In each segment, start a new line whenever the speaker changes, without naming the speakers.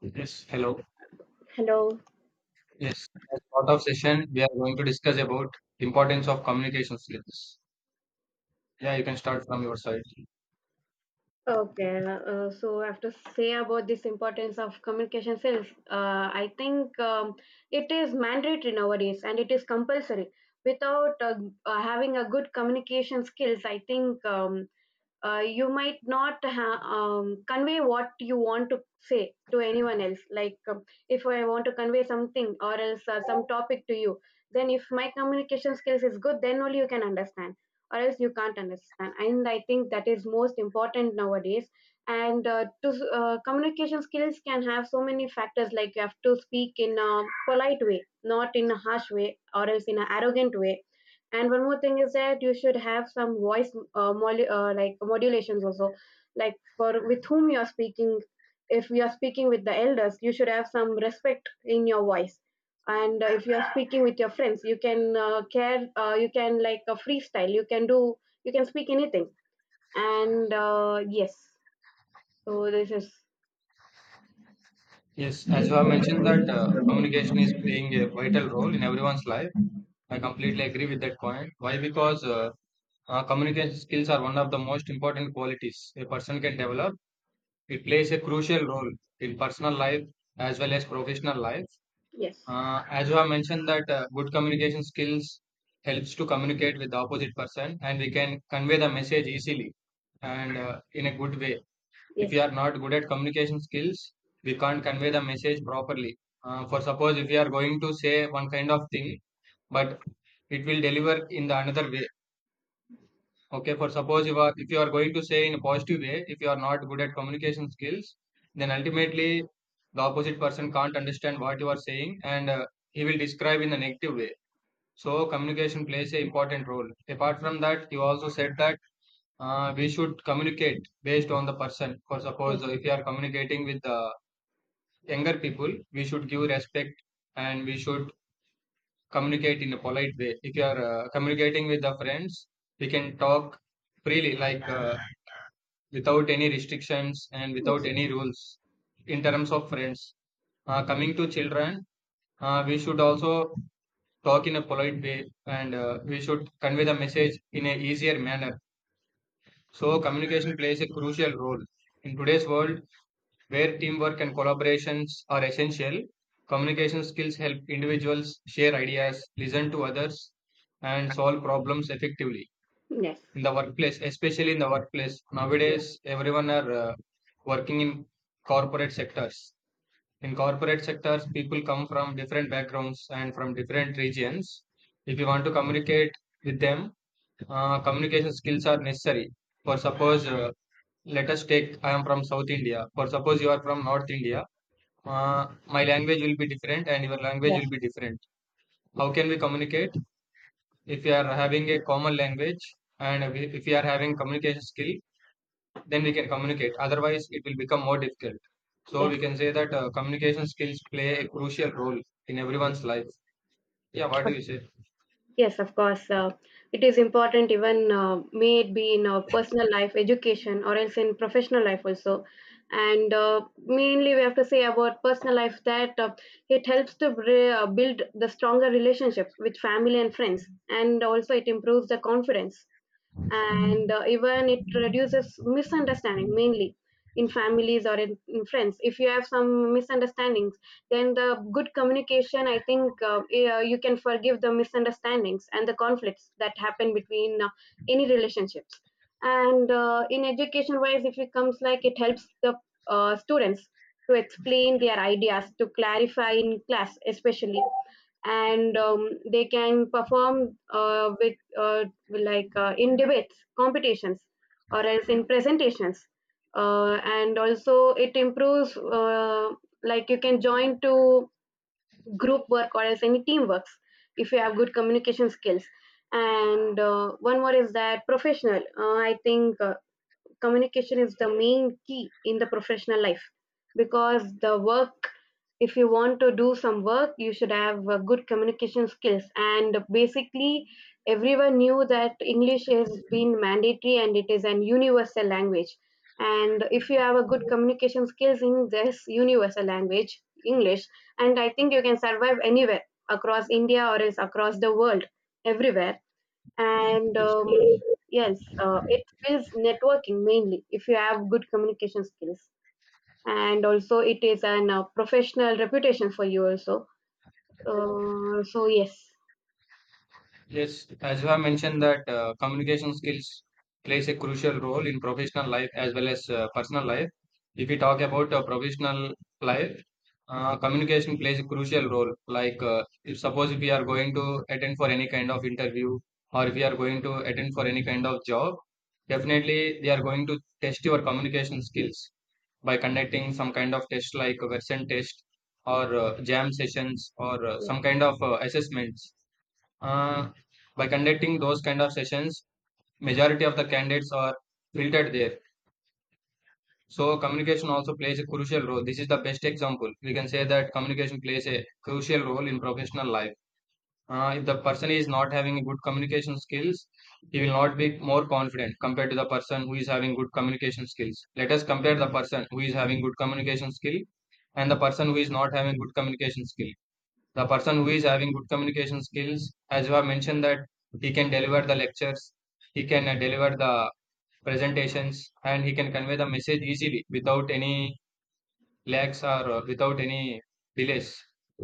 Yes, hello.
Hello.
Yes, as part of session, we are going to discuss about importance of communication skills. Yeah, you can start from your side.
Okay. So I have to say about this importance of communication skills. I think it is mandatory nowadays, and it is compulsory. Without having a good communication skills. I think you might not convey what you want to say to anyone else, like if I want to convey something or else some topic to you, then if my communication skills is good, then only you can understand, or else you can't understand. And I think that is most important nowadays. And to Communication skills can have so many factors. Like you have to speak in a polite way, not in a harsh way or else in an arrogant way. And one more thing is that you should have some voice, like modulations also, like for with whom you are speaking. If you are speaking with the elders, you should have some respect in your voice. And if you are speaking with your friends, you can care. You can like a freestyle. You can do. You can speak anything. And Yes, so this is
Yes, as you have mentioned that communication is playing a vital role in everyone's life. I completely agree with that point. Why? Because communication skills are one of the most important qualities a person can develop. It plays a crucial role in personal life as well as professional life.
yes,
As you have mentioned that good communication skills helps to communicate with the opposite person and we can convey the message easily and in a good way. If we
yes,
are not good at communication skills, we can't convey the message properly. For suppose if we are going to say one kind of thing, but it will deliver in the another way. Okay, for suppose you are if you are going to say in a positive way, if you are not good at communication skills, then ultimately the opposite person can't understand what you are saying and he will describe in a negative way. So communication plays a important role. Apart from that, you also said that we should communicate based on the person. For suppose
yes,
if you are communicating with the younger people, we should give respect and we should communicate in a polite way. If you are communicating with the friends, we can talk freely like. Without any restrictions and without
yes,
any rules in terms of friends. Coming to children, we should also talk in a polite way and we should convey the message in an easier manner. So, communication plays a crucial role. In today's world, where teamwork and collaborations are essential, communication skills help individuals share ideas, listen to others, and solve problems effectively
yes,
in the workplace, especially in the workplace.
yes,
Nowadays, everyone are working in corporate sectors. In corporate sectors, people come from different backgrounds and from different regions. If you want to communicate with them, communication skills are necessary. For suppose, let us take I am from South India. For suppose you are from North India, my language will be different and your language
yes.
will be different. How can we communicate if we are having a common language and if we are having communication skill? Then we can communicate. Otherwise, it will become more difficult. So
Yes.
we can say that communication skills play a crucial role in everyone's life. Yeah, what do you say?
Yes, of course. It is important, even may it be in our personal life, education, or else in professional life also. And mainly, we have to say about personal life that it helps to build the stronger relationships with family and friends, and also it improves the confidence, and even it reduces misunderstanding, mainly in families or in friends. If you have some misunderstandings, then the good communication, I think, yeah, you can forgive the misunderstandings and the conflicts that happen between any relationships. And in education wise, if it comes, like it helps the students to explain their ideas, to clarify in class especially. And they can perform with like in debates, competitions, or else in presentations. And also, it improves like you can join to group work or else any teamworks if you have good communication skills. And one more is that professional. I think communication is the main key in the professional life, because the work, if you want to do some work, you should have good communication skills. And basically, everyone knew that English has been mandatory, and it is an universal language. And if you have a good communication skills in this universal language English, and I think you can survive anywhere across India or else across the world, everywhere. And
Yes.
yes, it is networking mainly if you have good communication skills, and also it is an professional reputation for you also. So yes,
Yes, as you have mentioned that communication skills plays a crucial role in professional life as well as personal life. If we talk about professional life, communication plays a crucial role. Like if suppose if we are going to attend for any kind of interview or if we are going to attend for any kind of job, definitely they are going to test your communication skills by conducting some kind of test like a version test or jam sessions or uh,
yes,
some kind of uh, assessments. uh, by conducting those kind of sessions, majority of the candidates are filtered there. So communication also plays a crucial role. This is the best example we can say that communication plays a crucial role in professional life. If the person is not having good communication skills, he will not be more confident compared to the person who is having good communication skills. Let us compare the person who is having good communication skill and the person who is not having good communication skill. The person who is having good communication skills, as you have mentioned, that he can deliver the lectures, he can deliver the presentations, and he can convey the message easily without any lags or without any delays.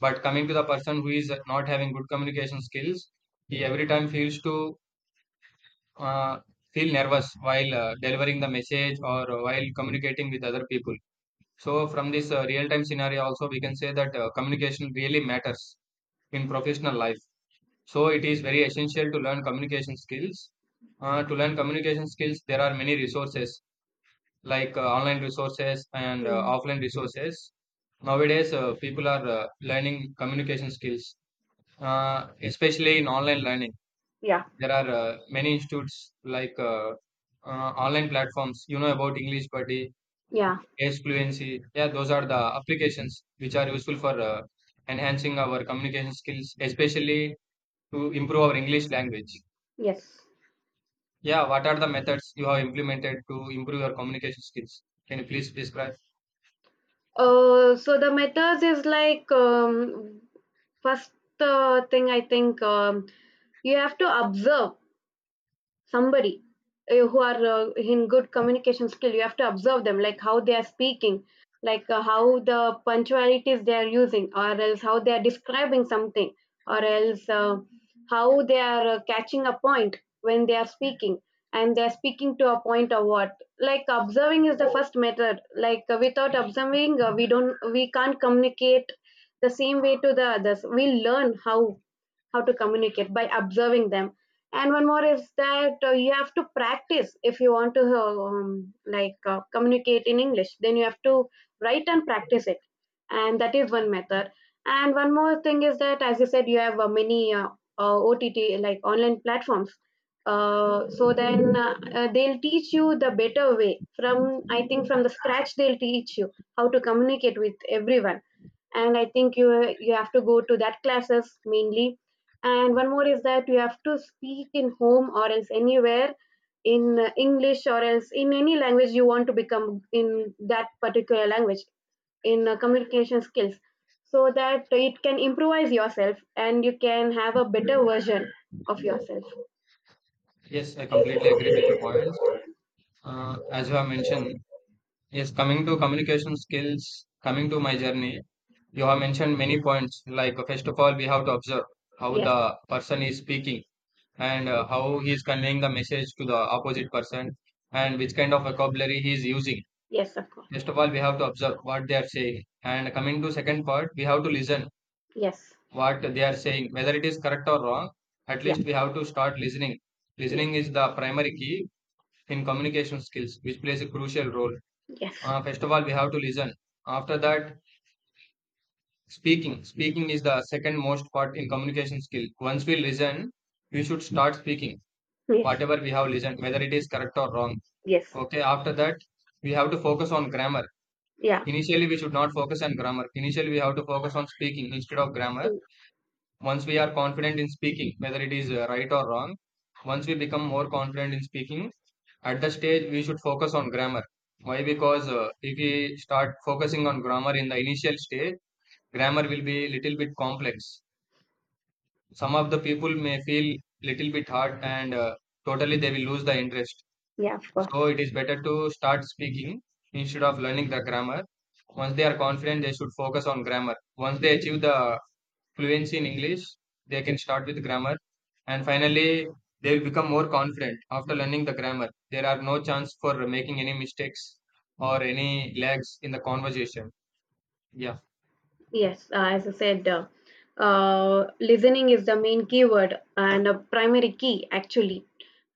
But coming to the person who is not having good communication skills, he every time feels to uh, feel nervous while
yes.
delivering the message or while communicating with other people. So, from this real time scenario, also we can say that communication really matters in professional life. So it is very essential to learn communication skills. To learn communication skills, there are many resources like online resources and
Mm.
offline resources. Nowadays, people are learning communication skills, especially in online learning.
Yeah.
There are many institutes like uh, online platforms. You know about English Buddy,
Yeah.
Ace Fluency. Yeah, those are the applications which are useful for enhancing our communication skills, especially to improve our English language.
Yes.
Yeah, what are the methods you have implemented to improve your communication skills? Can you please describe?
So the methods is like first thing, I think, you have to observe somebody who are in good communication skill. You have to observe them, like how they are speaking, like how the punctualities they are using, or else how they are describing something, or else how they are catching a point when they are speaking, and they are speaking to a point or what. Like observing is the first method. Like without observing, we can't communicate the same way to the others. We learn how to communicate by observing them. And one more is that you have to practice. If you want to communicate in English, then you have to write and practice it, and that is one method. And one more thing is that, as you said, you have many OTT like online platforms. Uh, so then uh, uh, they'll teach you the better way. From, I think, from the scratch, they'll teach you how to communicate with everyone. And I think you have to go to that classes mainly. And one more is that you have to speak in home or else anywhere in English or else in any language you want to become in that particular language in communication skills, so that it can improvise yourself and you can have a better version of yourself.
Yes, I completely agree with the points. As you have mentioned, yes, coming to communication skills, coming to my journey, you have mentioned many points. Like, first of all, we have to observe how
Yes,
the person is speaking and how he is conveying the message to the opposite person and which kind of vocabulary he is using.
yes, of course.
First of all, we have to observe what they are saying. And coming to second part, we have to listen
Yes,
what they are saying, whether it is correct or wrong, at
yeah,
least we have to start listening.
yes,
Listening is the primary key in communication skills, which plays a crucial role.
yes,
First of all, we have to listen. After that, speaking. Speaking is the second most part in communication skill. Once we listen, we should start speaking,
yes,
whatever we have listened, whether it is correct or wrong.
yes,
Okay, after that, we have to focus on grammar.
yeah,
Initially, we should not focus on grammar. Initially, we have to focus on speaking instead of grammar. Once we are confident in speaking whether it is right or wrong, once we become more confident in speaking, at the stage we should focus on grammar. Why? Because if we start focusing on grammar in the initial stage, grammar will be little bit complex. Some of the people may feel little bit hard and totally they will lose the interest.
yeah, of course.
So it is better to start speaking instead of learning the grammar. Once they are confident, they should focus on grammar. Once they achieve the fluency in English, they can start with grammar. And finally, they will become more confident after learning the grammar. There are no chance for making any mistakes or any lags in the conversation. Yeah.
Yes, as I said, listening is the main keyword and a primary key actually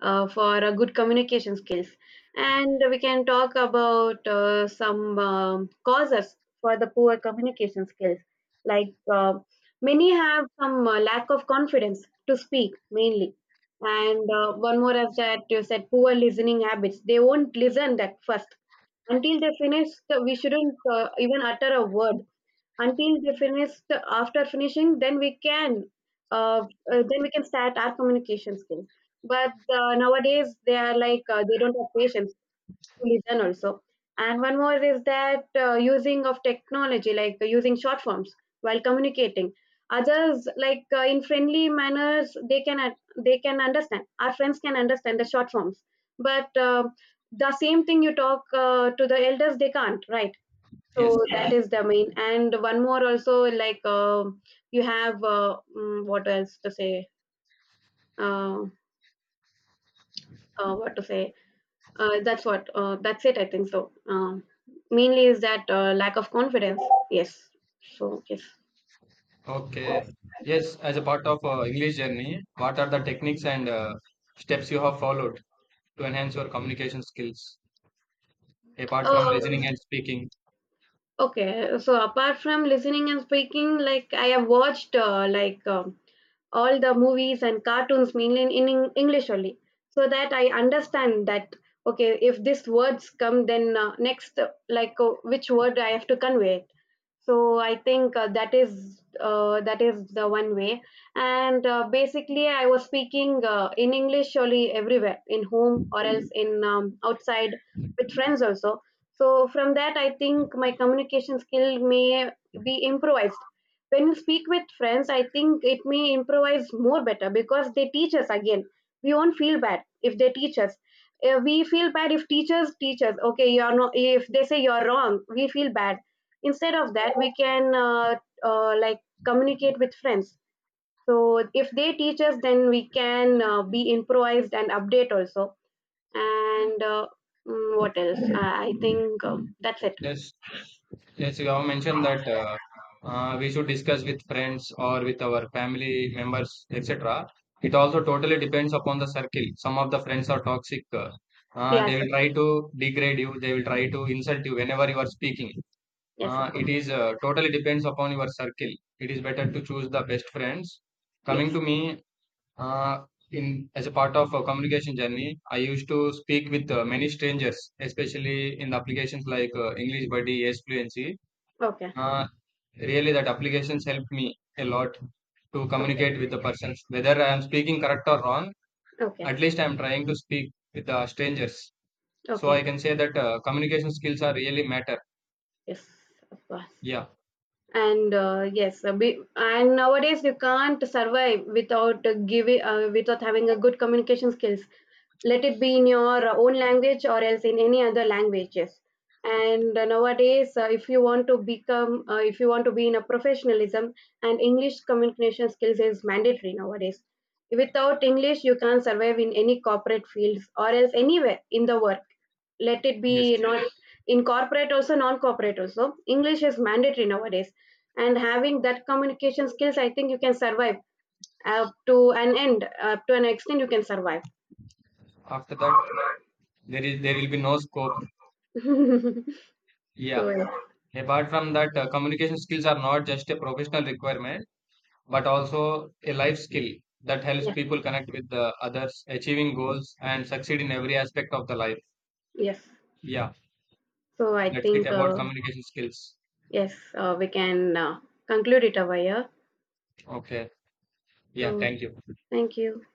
for a good communication skills. And we can talk about some causes for the poor communication skills. Like many have some lack of confidence to speak mainly. And one more is that, you said, poor listening habits. They won't listen at first until they finish. We shouldn't even utter a word until they finished. After finishing, then we can, uh, uh, then we can start our communication skills. But nowadays they are like they don't have patience to listen also. And one more is that using of technology, like using short forms while communicating others. Like in friendly manners, they can they can understand, our friends can understand the short forms. But the same thing you talk to the elders, they can't, right?
Yes.
So that is the main. And one more also, like you have what else to say, uh, what to say, that's what, that's it, I think. So mainly is that lack of confidence, yes, so yes.
Okay. Yes. As a part of English journey, what are the techniques and steps you have followed to enhance your communication skills? Apart from
um,
listening and speaking.
okay, so apart from listening and speaking, like I have watched, all the movies and cartoons mainly in English only, so that I understand that, okay, if these words come, then next like which word I have to convey it. So I think that is the one way. And basically, I was speaking in English only everywhere, in home or else in outside with friends also. So from that, I think my communication skill may be improvised. When you speak with friends, I think it may improvise more better, because they teach us again. We won't feel bad if they teach us. We feel bad if teachers teach us. Okay, you're not. If they say you're wrong, we feel bad. Instead of that, we can uh, like communicate with friends. So if they teach us, then we can be improvised and update also. And what else? I think that's it.
Yes, yes, you have mentioned that we should discuss with friends or with our family members, etc. It also totally depends upon the circle. Some of the friends are toxic.
Yes,
They will try to degrade you. They will try to insult you whenever you are speaking.
yes, of course.
It is totally depends upon your circle. It is better to choose the best friends. Coming to
Yes.
me, Uh, in as a part of a communication journey, I used to speak with many strangers, especially in the applications like English Buddy, Yes Fluency.
Okay.
Uh, Really, that applications helped me a lot to
Okay.
communicate with the persons. Whether I am speaking correct or wrong,
Okay.
at least I am trying to speak with the strangers. So I
Okay.
can say that communication skills are really matter.
Yes, of course.
Yeah.
And yes, a bit, and nowadays you can't survive without giving without having a good communication skills. Let it be in your own language or else in any other languages. And nowadays, if you want to become, if you want to be in a professionalism, and English communication skills is mandatory nowadays. Without English, you can't survive in any corporate fields or else anywhere in the work, let it be
Yes.
not in corporate also, non-corporate also, English is mandatory nowadays. And having that communication skills, I think you can survive up to an end, up to an extent you can survive.
After that, there will be no scope.
So
Yeah.
yeah.
Apart from that, communication skills are not just a professional requirement, but also a life skill that helps
Yes,
people connect with the others, achieving goals, and succeed in every aspect of the life.
yes.
Yeah,
So I
that's it
think
about communication skills.
yes, we can conclude it over here.
Okay. Yeah,
So
thank you.
thank you.